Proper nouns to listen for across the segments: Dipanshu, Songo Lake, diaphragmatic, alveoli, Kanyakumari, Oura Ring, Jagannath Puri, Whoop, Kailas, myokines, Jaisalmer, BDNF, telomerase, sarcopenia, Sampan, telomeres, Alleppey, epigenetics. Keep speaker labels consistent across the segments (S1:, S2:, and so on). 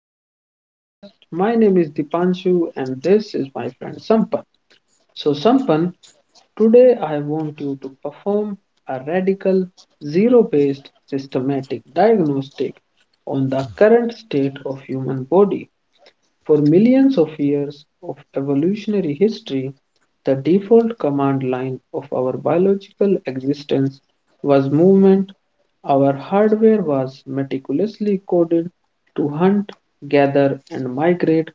S1: to our podcast. My name is Dipanshu, and this is my friend Sampan. So, Sampan, today I want you to perform a radical, zero based, systematic diagnostic on the current state of human body for millions of years of evolutionary history, the default command line of our biological existence was movement. Our hardware was meticulously coded to hunt, gather, and migrate,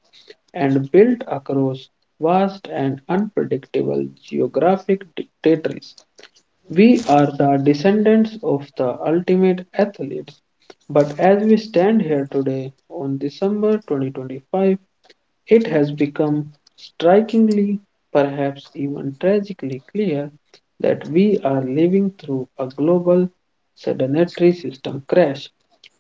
S1: and built across vast and unpredictable geographic territories. We are the descendants of the ultimate athletes. But as we stand here today on December 2025, it has become strikingly, perhaps even tragically clear that we are living through a global sedentary system crash.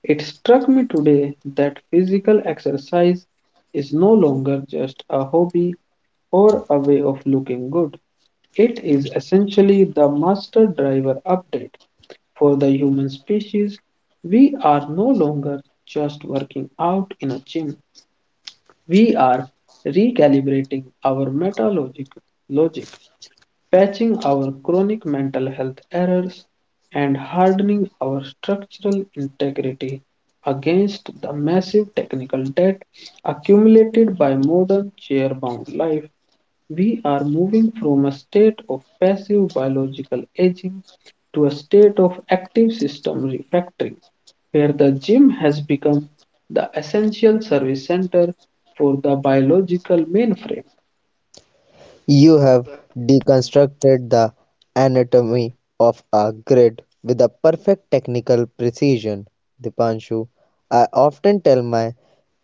S1: It struck me today that physical exercise is no longer just a hobby or a way of looking good. It is essentially the master driver update for the human species. We are no longer just working out in a gym. We are recalibrating our metalogic logic, patching our chronic mental health errors, and hardening our structural integrity against the massive technical debt accumulated by modern chair-bound life. We are moving from a state of passive biological aging to a state of active system refactoring where the gym has become the essential service center for the biological mainframe.
S2: You have deconstructed the anatomy of a grid with a perfect technical precision, Dipanshu. I often tell my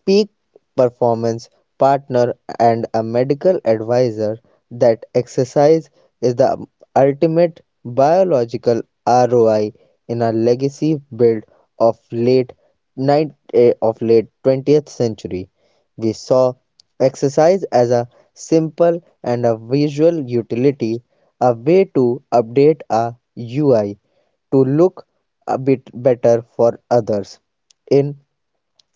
S2: peak performance partner and a medical advisor that exercise is the ultimate biological ROI in a legacy build of late 20th century. We saw exercise as a simple and a visual utility, a way to update a UI to look a bit better for others. In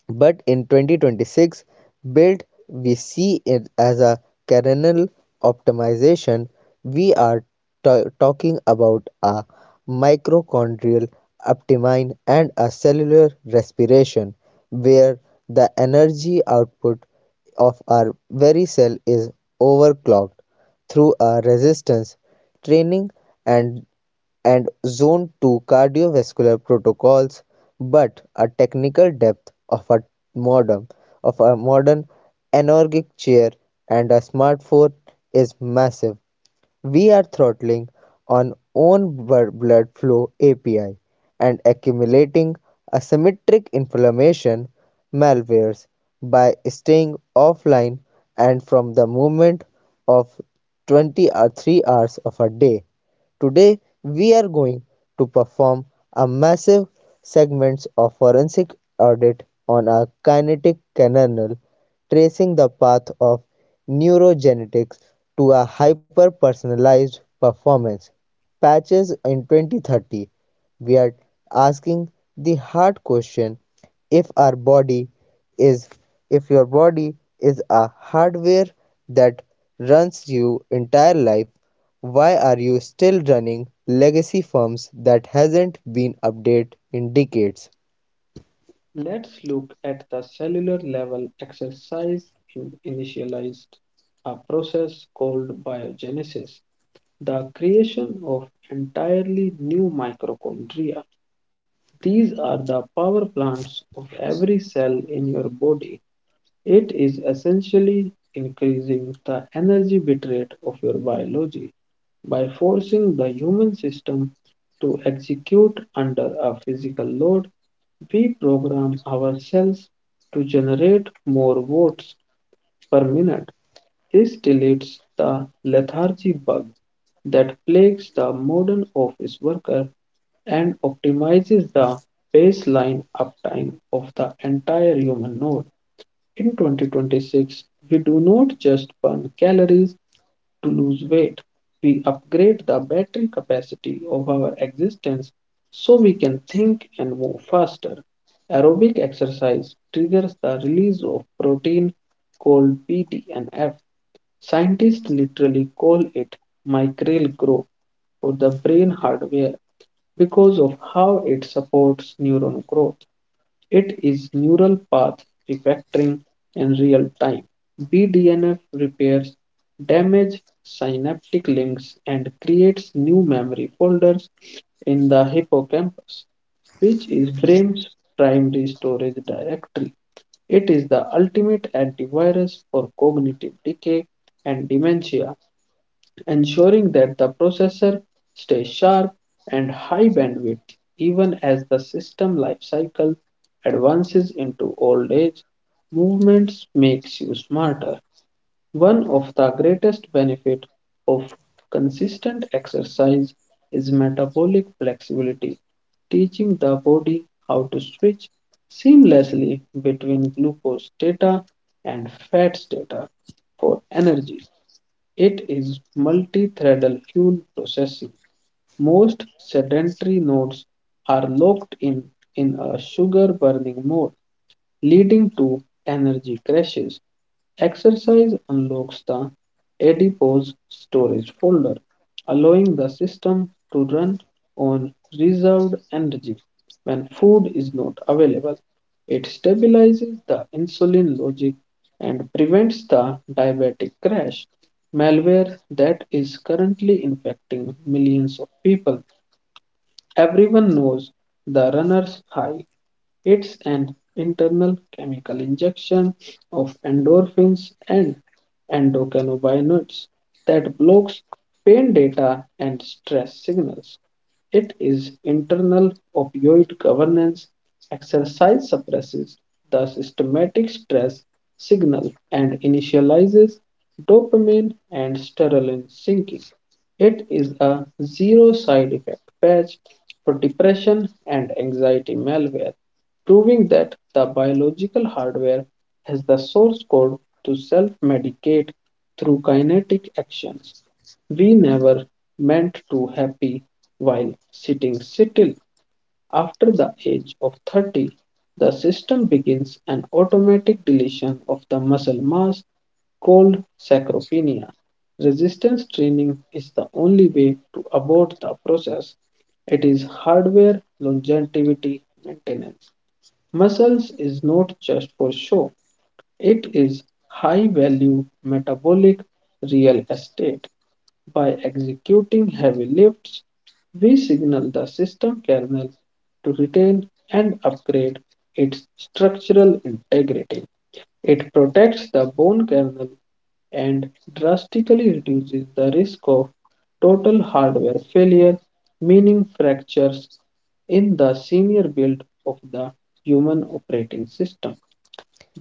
S2: but in 2026, build we see it as a kernel optimization. We are talking about a mitochondrial optimine and a cellular respiration, where the energy output of our very cell is overclocked through a resistance training and and Zone Two cardiovascular protocols, but a technical depth of a modern modern anorgic chair and a smartphone is massive. We are throttling on own blood flow API and accumulating asymmetric inflammation malwares by staying offline and from the movement of 20 or 3 hours of a day. Today we are going to perform a massive segments of forensic audit on a kinetic canal, tracing the path of neurogenetics to a hyper-personalized performance patches in 2030. We are asking the hard question: if our body is if your body is a hardware that runs your entire life, why are you still running legacy firms that hasn't been updated in decades?
S1: Let's look at the cellular level exercise you initialized a process called biogenesis, the creation of entirely new mitochondria. These are the power plants of every cell in your body. It is essentially increasing the energy bitrate of your biology. By forcing the human system to execute under a physical load, we program ourselves to generate more watts per minute. This deletes the lethargy bug that plagues the modern office worker and optimizes the baseline uptime of the entire human node. In 2026, we do not just burn calories to lose weight, we upgrade the battery capacity of our existence so we can think and move faster. Aerobic exercise triggers the release of protein called BDNF. Scientists literally call it micral growth for the brain hardware because of how it supports neuron growth. It is neural path refactoring in real time. BDNF repairs damaged synaptic links and creates new memory folders in the hippocampus, which is brain's primary storage directory. It is the ultimate antivirus for cognitive decay and dementia ensuring that the processor stays sharp and high bandwidth even as the system life cycle advances into old age. Movements makes you smarter. One of the greatest benefit of consistent exercise is metabolic flexibility, teaching the body how to switch seamlessly between glucose data and fat data for energy. It is multi-threadal fuel processing. Most sedentary nodes are locked in a sugar burning mode, leading to energy crashes. Exercise unlocks the adipose storage folder, allowing the system to run on reserved energy when food is not available. It stabilizes the insulin logic and prevents the diabetic crash malware that is currently infecting millions of people. Everyone knows the runner's high, it's an internal chemical injection of endorphins and endocannabinoids that blocks pain data and stress signals. It is internal opioid governance. Exercise suppresses the systematic stress signal and initializes dopamine and serotonin sinking. It is a zero side effect patch for depression and anxiety malware proving that the biological hardware has the source code to self medicate through kinetic actions. We never meant to happy while sitting still. After the age of 30, the system begins an automatic deletion of the muscle mass called sarcopenia. Resistance training is the only way to abort the process. It is hardware longevity maintenance. Muscles is not just for show, it is high value metabolic real estate. By executing heavy lifts, we signal the system kernel to retain and upgrade its structural integrity. It protects the bone kernel and drastically reduces the risk of total hardware failure, meaning fractures in the senior build of the human operating system.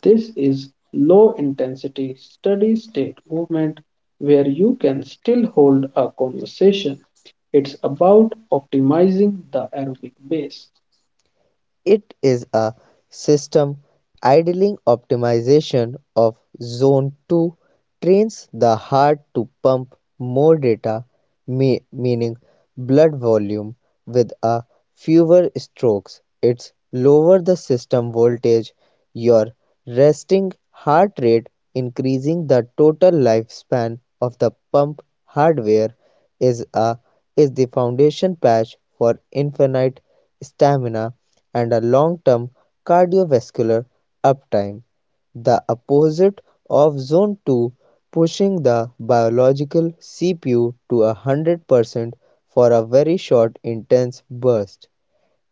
S1: This is low intensity, steady state movement where you can still hold a conversation. It's about optimizing the aerobic base
S2: It is a system idling optimization of zone two, trains the heart to pump more data, meaning blood volume, with a fewer strokes. It's lower the system voltage, your resting heart rate, increasing the total lifespan of the pump hardware is a is the foundation patch for infinite stamina and a long-term cardiovascular uptime, the opposite of zone 2, pushing the biological CPU to a 100% for a very short intense burst.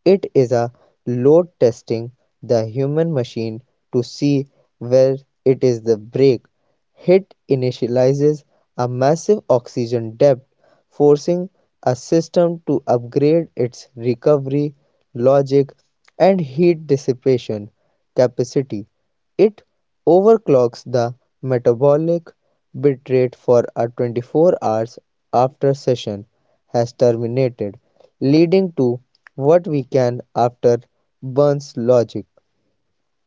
S2: It is a load testing the human machine to see where it is the brake hit, initializes a massive oxygen depth, forcing a system to upgrade its recovery, logic, and heat dissipation capacity. It overclocks the metabolic bitrate for a 24 hours after session has terminated, leading to what we can after burns logic.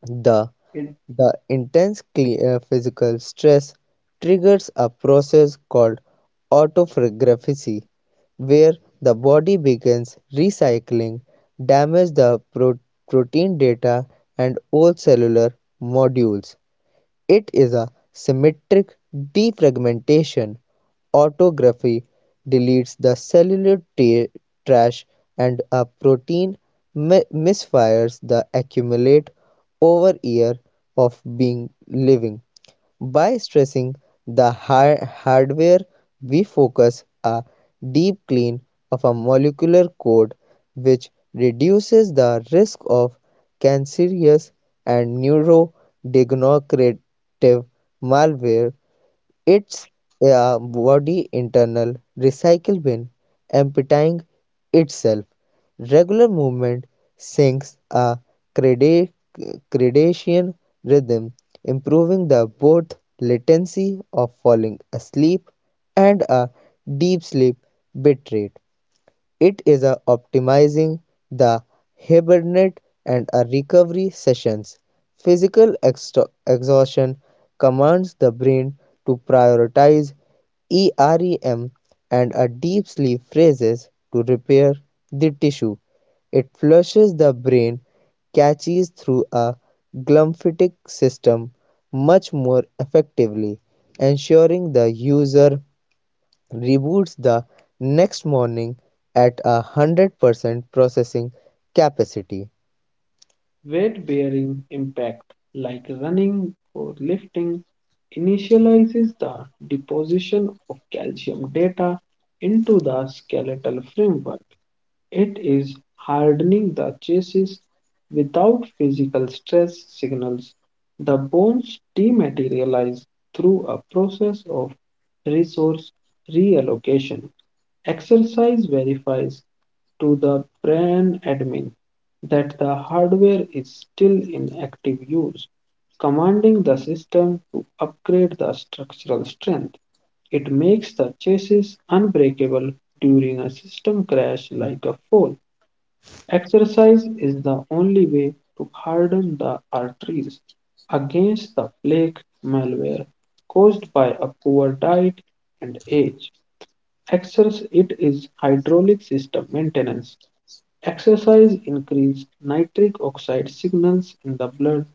S2: The
S1: in
S2: the physical stress triggers a process called autophagy, where the body begins recycling damage the pro- protein data and old cellular modules. It is a symmetric defragmentation. Autography deletes the cellular trash and a protein misfires the accumulate over year of being living. By stressing the hardware, we focus a deep clean of a molecular code which reduces the risk of cancerous and neurodegenerative malware, its body internal recycle bin emptying itself. Regular movement sinks a creda- gradation rhythm, improving the both latency of falling asleep and a deep sleep bit rate. It is a optimizing the hibernate and a recovery sessions. Physical exhaustion commands the brain to prioritize EREM and a deep sleep phases to repair the tissue. It flushes the brain catches through a glymphatic system much more effectively, ensuring the user reboots the next morning at a 100% processing capacity.
S1: weight bearing impact, like running or lifting, initializes the deposition of calcium data into the skeletal framework. It is hardening the chassis without physical stress signals. The bones dematerialize through a process of resource reallocation. Exercise verifies to the brain admin that the hardware is still in active use, commanding the system to upgrade the structural strength. It makes the chassis unbreakable during a system crash like a fall. Exercise is the only way to harden the arteries against the plaque malware caused by a poor diet and age. Exercise it is hydraulic system maintenance. Exercise increases nitric oxide signals in the blood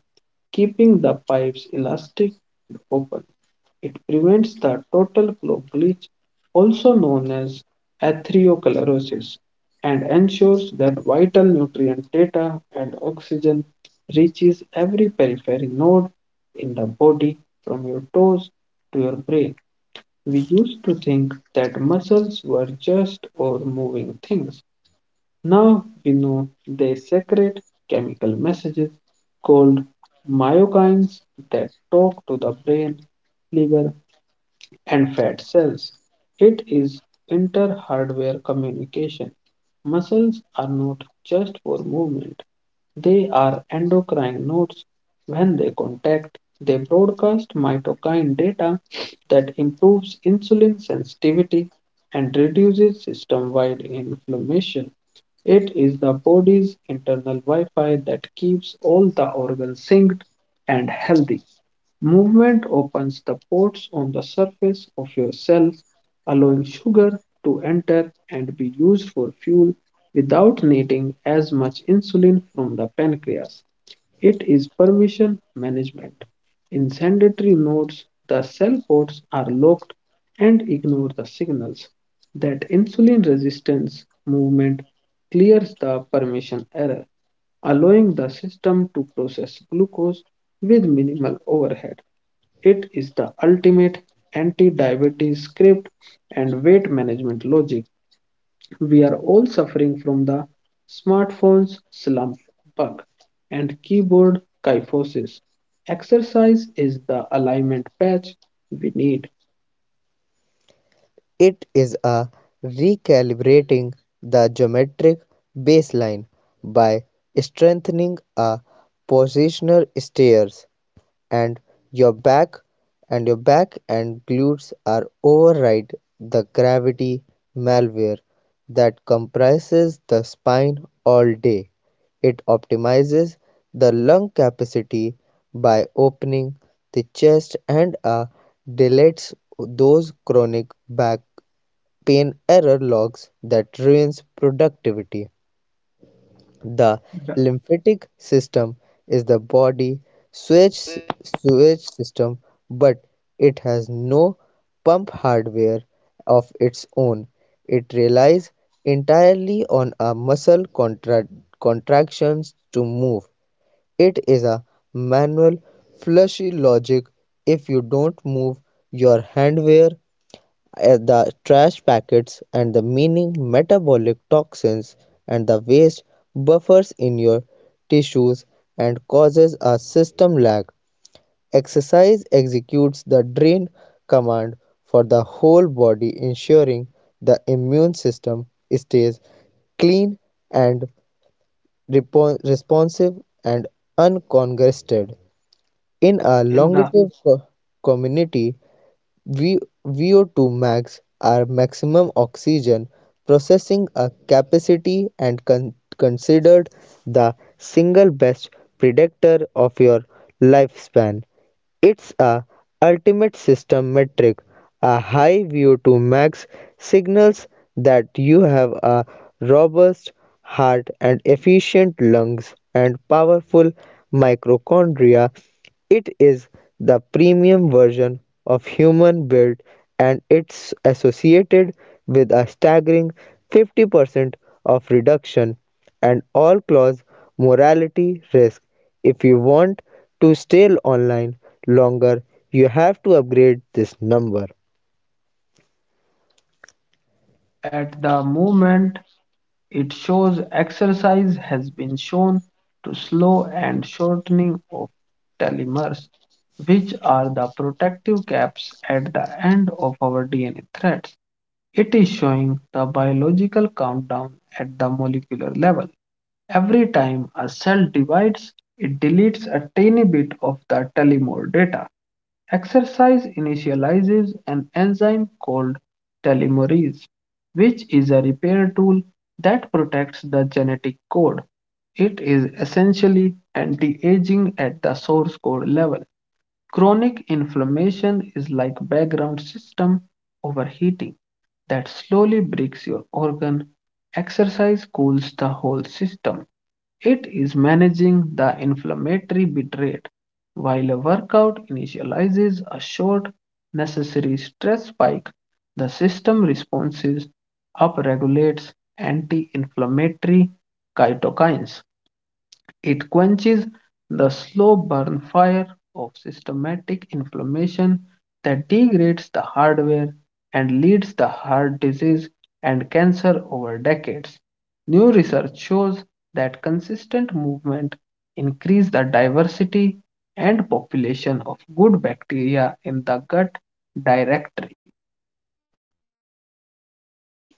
S1: keeping the pipes elastic and open. It prevents the total flow glitch, also known as atherosclerosis, and ensures that vital nutrient data and oxygen reaches every periphery node in the body from your toes to your brain. We used to think that muscles were just or moving things, now we know they secrete chemical messages called myokines that talk to the brain, liver, and fat cells. It is inter hardware communication. Muscles are not just for movement, they are endocrine nodes. When they contact, they broadcast myokine data that improves insulin sensitivity and reduces system wide inflammation. It is the body's internal Wi-Fi that keeps all the organs synced and healthy. Movement opens the ports on the surface of your cells, allowing sugar to enter and be used for fuel without needing as much insulin from the pancreas. It is permission management. In sandatory nodes, the cell ports are locked and ignore the signals that insulin resistance movement clears the permission error, allowing the system to process glucose with minimal overhead. It is the ultimate anti diabetes script and weight management logic. We are all suffering from the smartphones slump bug and keyboard kyphosis. Exercise is the alignment patch we need.
S2: It is a recalibrating the geometric baseline by strengthening a positional stairs and your back your back and glutes are override the gravity malware that comprises the spine all day. It optimizes the lung capacity by opening the chest and deletes those chronic back pain error logs that ruins productivity. The
S1: The-
S2: lymphatic system is the body sewage, sewage system, but it has no pump hardware of its own. It relies entirely on a muscle contractions to move. It is a manual, fleshy logic. If you don't move your hand where the trash packets and the meaning metabolic toxins and the waste buffers in your tissues and causes a system lag. Exercise executes the drain command for the whole body, ensuring the immune system stays clean and responsive and uncongested. In a
S1: in the
S2: longevity community, V VO2 max are maximum oxygen processing a capacity and considered the single best predictor of your lifespan. It's a ultimate system metric. A high VO2 max signals that you have a robust heart and efficient lungs and powerful mitochondria. It is the premium version of human build and it's associated with a staggering 50% of reduction and all clause morality risk. If you want to stay online longer, you have to upgrade this number.
S1: At the moment it shows exercise has been shown to slow and shortening of telomeres, which are the protective caps at the end of our DNA threads. It is showing the biological countdown at the molecular level. Every time a cell divides, it deletes a tiny bit of the telomere data. Exercise initializes an enzyme called telomerase, which is a repair tool that protects the genetic code. It is essentially anti aging at the source code level. Chronic inflammation is like background system overheating that slowly breaks your organ. Exercise cools the whole system. It is managing the inflammatory bit rate, while a workout initializes a short necessary stress spike. The system responses upregulates anti-inflammatory cytokines it quenches the slow burn fire of systematic inflammation that degrades the hardware and leads to heart disease and cancer over decades. New research shows that consistent movement increases the diversity and population of good bacteria in the gut directory.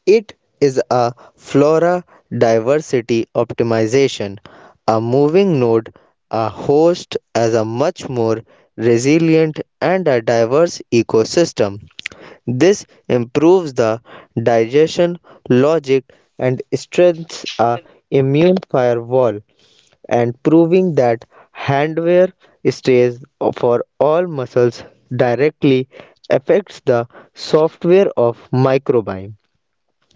S2: It is a flora diversity optimization. A moving node, a host as a much more resilient and a diverse ecosystem. This improves the digestion logic and strengthens a immune firewall and proving that handwear stays for all muscles directly affects the software of microbiome.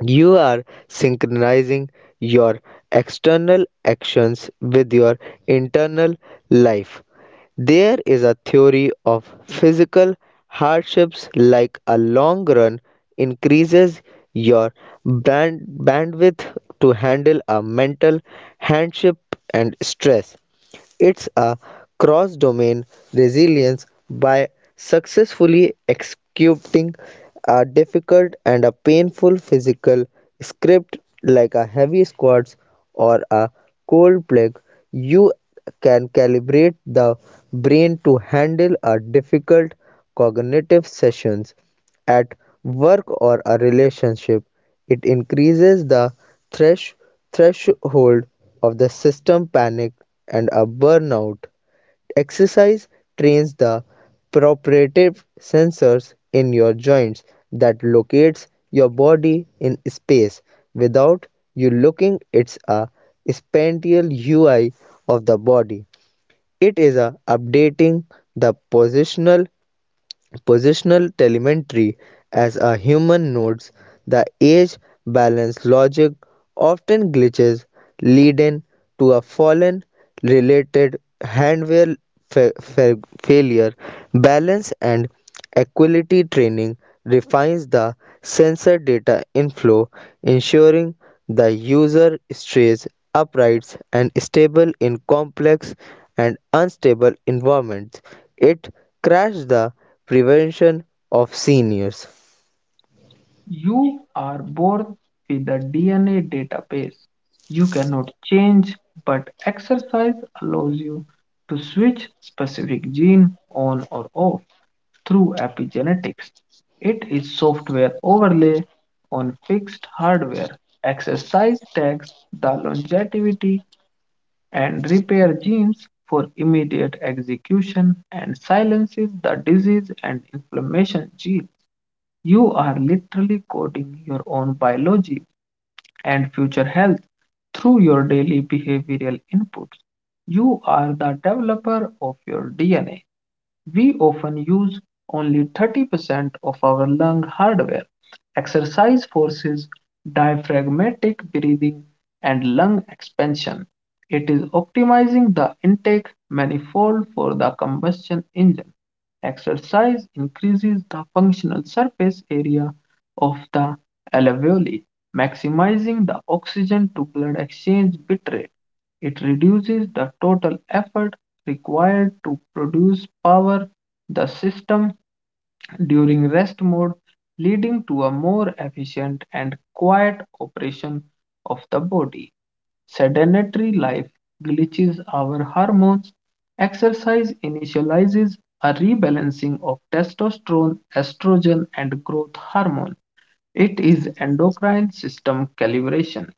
S2: You are synchronizing your external actions with your internal life. There is a theory of physical hardships like a long run increases your bandwidth to handle a mental hardship and stress. It's a cross-domain resilience. By successfully executing a difficult and a painful physical script like a heavy squats or a cold plug, you can calibrate the brain to handle a difficult cognitive sessions at work or a relationship. It increases the thresh threshold of the system panic and a burnout. Exercise trains the proprioceptive sensors in your joints that locates your body in space without you looking. It's a spatial UI of the body. It is a updating the Positional telemetry as a human notes the age balance logic often glitches, leading to a fallen related handware failure. Balance and Equality training refines the sensor data inflow, ensuring the user stays upright and stable in complex and unstable environments. It crashed the prevention of seniors.
S1: You are born with a DNA database. You cannot change, but exercise allows you to switch specific gene on or off through epigenetics. It is software overlay on fixed hardware. Exercise tags the longevity and repair genes for immediate execution and silences the disease and inflammation gene. You are literally coding your own biology and future health through your daily behavioral inputs. You are the developer of your DNA. We often use only 30% of our lung hardware. Exercise forces diaphragmatic breathing and lung expansion. It is optimizing the intake manifold for the combustion engine. Exercise increases the functional surface area of the alveoli, maximizing the oxygen to blood exchange bitrate. It reduces the total effort required to produce power the system during rest mode, leading to a more efficient and quiet operation of the body. Sedentary life glitches our hormones. Exercise initializes a rebalancing of testosterone, estrogen, and growth hormone. It is endocrine system calibration.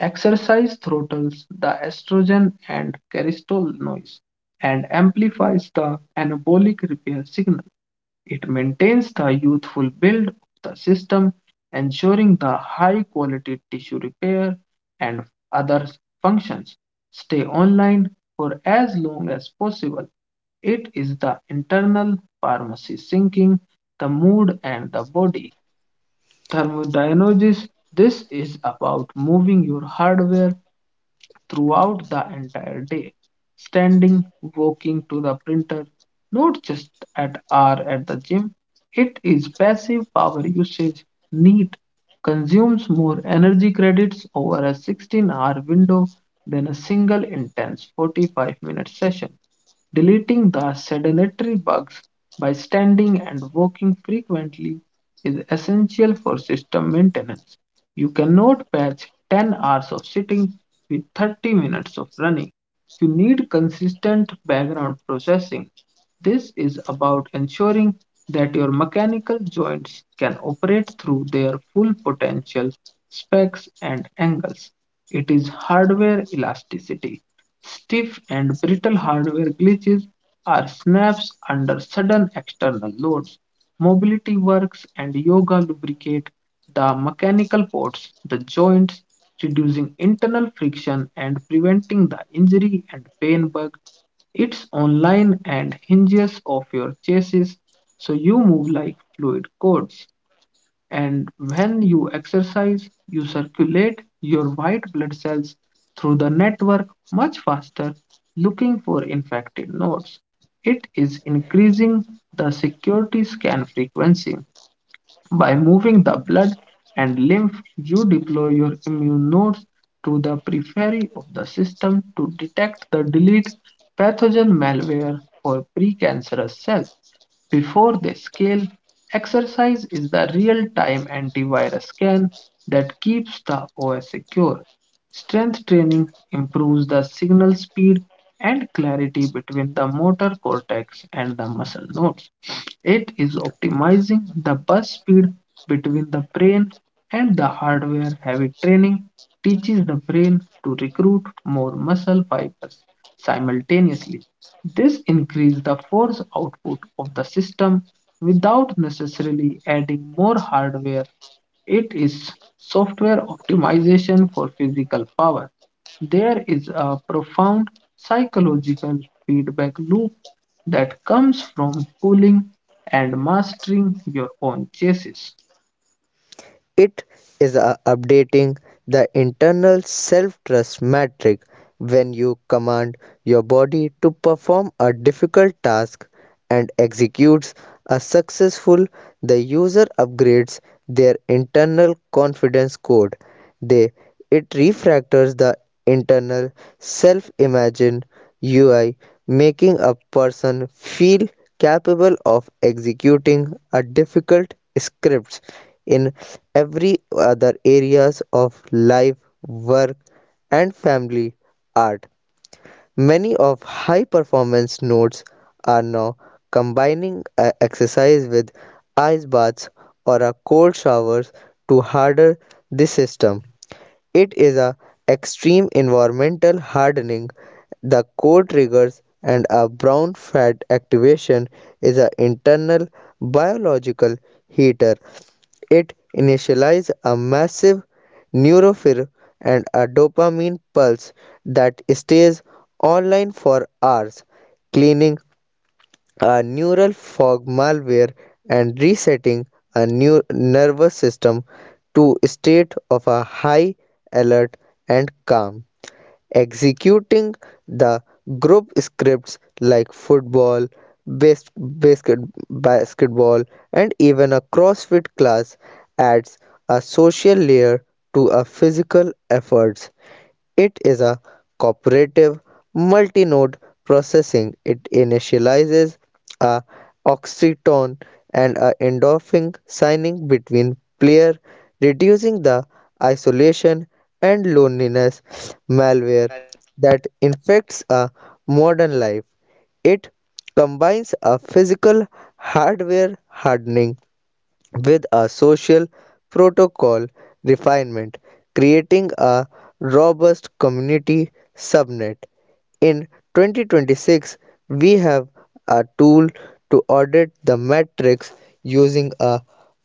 S1: Exercise throttles the estrogen and carcinoids and amplifies the anabolic repair signal. It maintains the youthful build of the system, ensuring the high quality tissue repair and other functions. Stay online for as long as possible. It is the internal pharmacy syncing the mood and the body. Thermodynamics this is about moving your hardware throughout the entire day, standing, walking to the printer, not just at hour at the gym. It is passive power usage. Neat consumes more energy credits over a 16-hour window than a single intense 45-minute session. Deleting the sedentary bugs by standing and walking frequently is essential for system maintenance. You cannot patch 10 hours of sitting with 30 minutes of running. You need consistent background processing. This is about ensuring that your mechanical joints can operate through their full potential, specs, and angles. It is hardware elasticity. Stiff and brittle hardware glitches are snaps under sudden external loads. Mobility works and yoga lubricate the mechanical parts, the joints, reducing internal friction and preventing the injury and pain bug. It's online and hinges of your chassis, so you move like fluid cords. And when you exercise, you circulate your white blood cells through the network much faster, looking for infected nodes. It is increasing the security scan frequency. By moving the blood and lymph, you deploy your immune nodes to the periphery of the system to detect the delete pathogen malware or precancerous cell before they scale, exercise is the real-time antivirus scan that keeps the OS secure. Strength training improves the signal speed and clarity between the motor cortex and the muscle nodes. It is optimizing the bus speed between the brain and the hardware. Heavy training teaches the brain to recruit more muscle fibers simultaneously. This increases the force output of the system without necessarily adding more hardware it is software optimization for physical power. There is a profound psychological feedback loop that comes from pulling and mastering your own chassis.
S2: It is updating the internal self-trust metric. When you command your body to perform a difficult task and executes a successful, the user upgrades their internal confidence code. They it refactors the internal self image UI, making a person feel capable of executing a difficult scripts in every other areas of life, work and family art. Many of high performance nodes are now combining a exercise with ice baths or a cold showers to harder the system. It is a extreme environmental hardening. The core triggers and a brown fat activation is an internal biological heater. It initializes a massive neurophil and a dopamine pulse that stays online for hours, cleaning a neural fog malware and resetting a new nervous system to state of a high alert and calm. Executing the group scripts like football bas- basket, basketball and even a crossfit class adds a social layer to a physical efforts. It is a cooperative multi-node processing. It initializes a oxytocin and a endorphin signing between player, reducing the isolation and loneliness malware that infects a modern life. It combines a physical hardware hardening with a social protocol refinement, creating a robust community subnet. In 2026, we have a tool to audit the metrics using a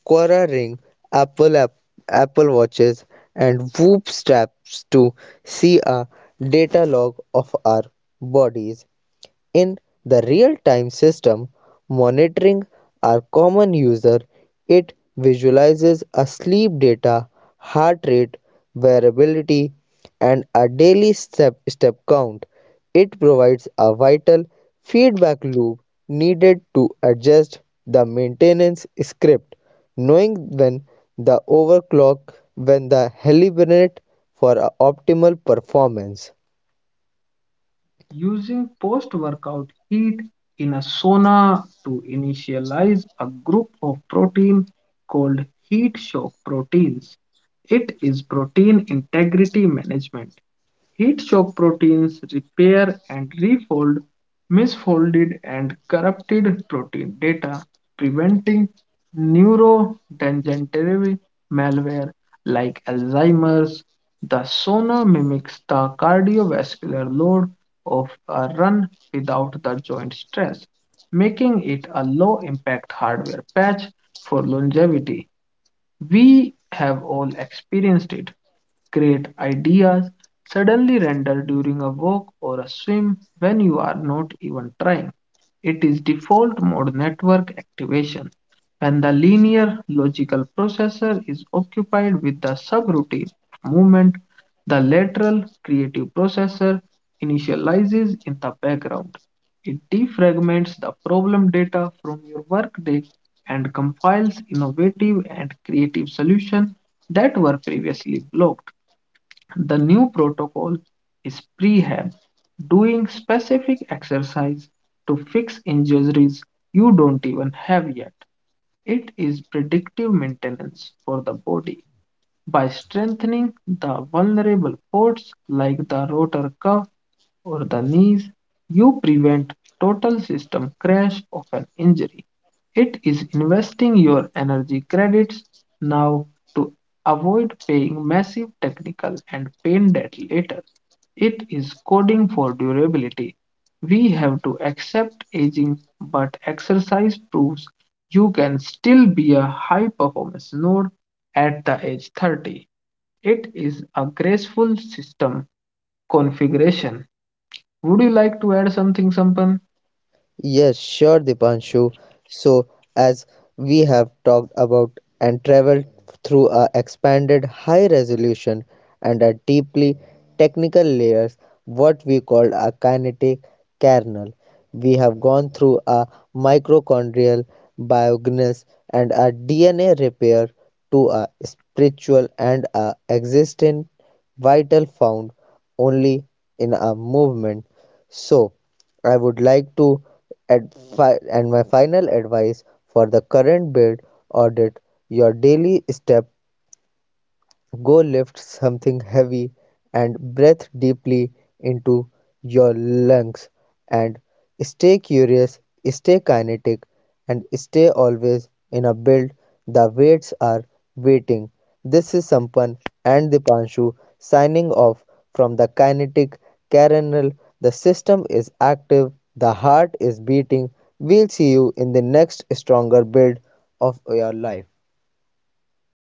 S2: Quora Ring, Apple app, Apple Watches, and Whoop straps to see a data log of our bodies in the real-time system monitoring our common user. It visualizes a sleep data, heart rate, variability, and a daily step count. It provides a vital feedback loop needed to adjust the maintenance script, knowing when the overclock, when the hibernate for optimal performance.
S1: Using post workout heat in a sauna to initialize a group of protein called heat shock proteins. It is protein integrity management. Heat shock proteins repair and refold misfolded and corrupted protein data, preventing neurodegenerative malware like Alzheimer's. The sonar mimics the cardiovascular load of a run without the joint stress, making it a low impact hardware patch for longevity. We have all experienced it. Great ideas suddenly render during a walk or a swim when you are not even trying. It is default mode network activation. When the linear logical processor is occupied with the subroutine of movement, the lateral creative processor initializes in the background. It defragments the problem data from your workday and compiles innovative and creative solutions that were previously blocked. The new protocol is prehab, doing specific exercise to fix injuries you don't even have yet. It is predictive maintenance for the body by strengthening the vulnerable ports like the rotor cuff or the knees, you prevent total system crash of an injury. It is investing your energy credits now to avoid paying massive technical and pain debt later. It is coding for durability. We have to accept aging, but exercise proves you can still be a high performance node at the age 30. It is a graceful system configuration. Would you like to add something, Sampan?
S2: Yes, sure, Dipanshu. So, as we have talked about and traveled through a expanded high resolution and a deeply technical layers, what we call a kinetic kernel. We have gone through a mitochondrial biogenesis and a DNA repair to a spiritual and a existent vital found only in a movement. So, I would like to add fi- and my final advice for the current build: audit your daily step. Go lift something heavy and breathe deeply into your lungs. And stay curious, stay kinetic, and stay always in a build. The weights are waiting. This is Sampan and Dipanshu signing off from the kinetic carinal. The system is active, the heart is beating. We'll see you in the next stronger build of your life.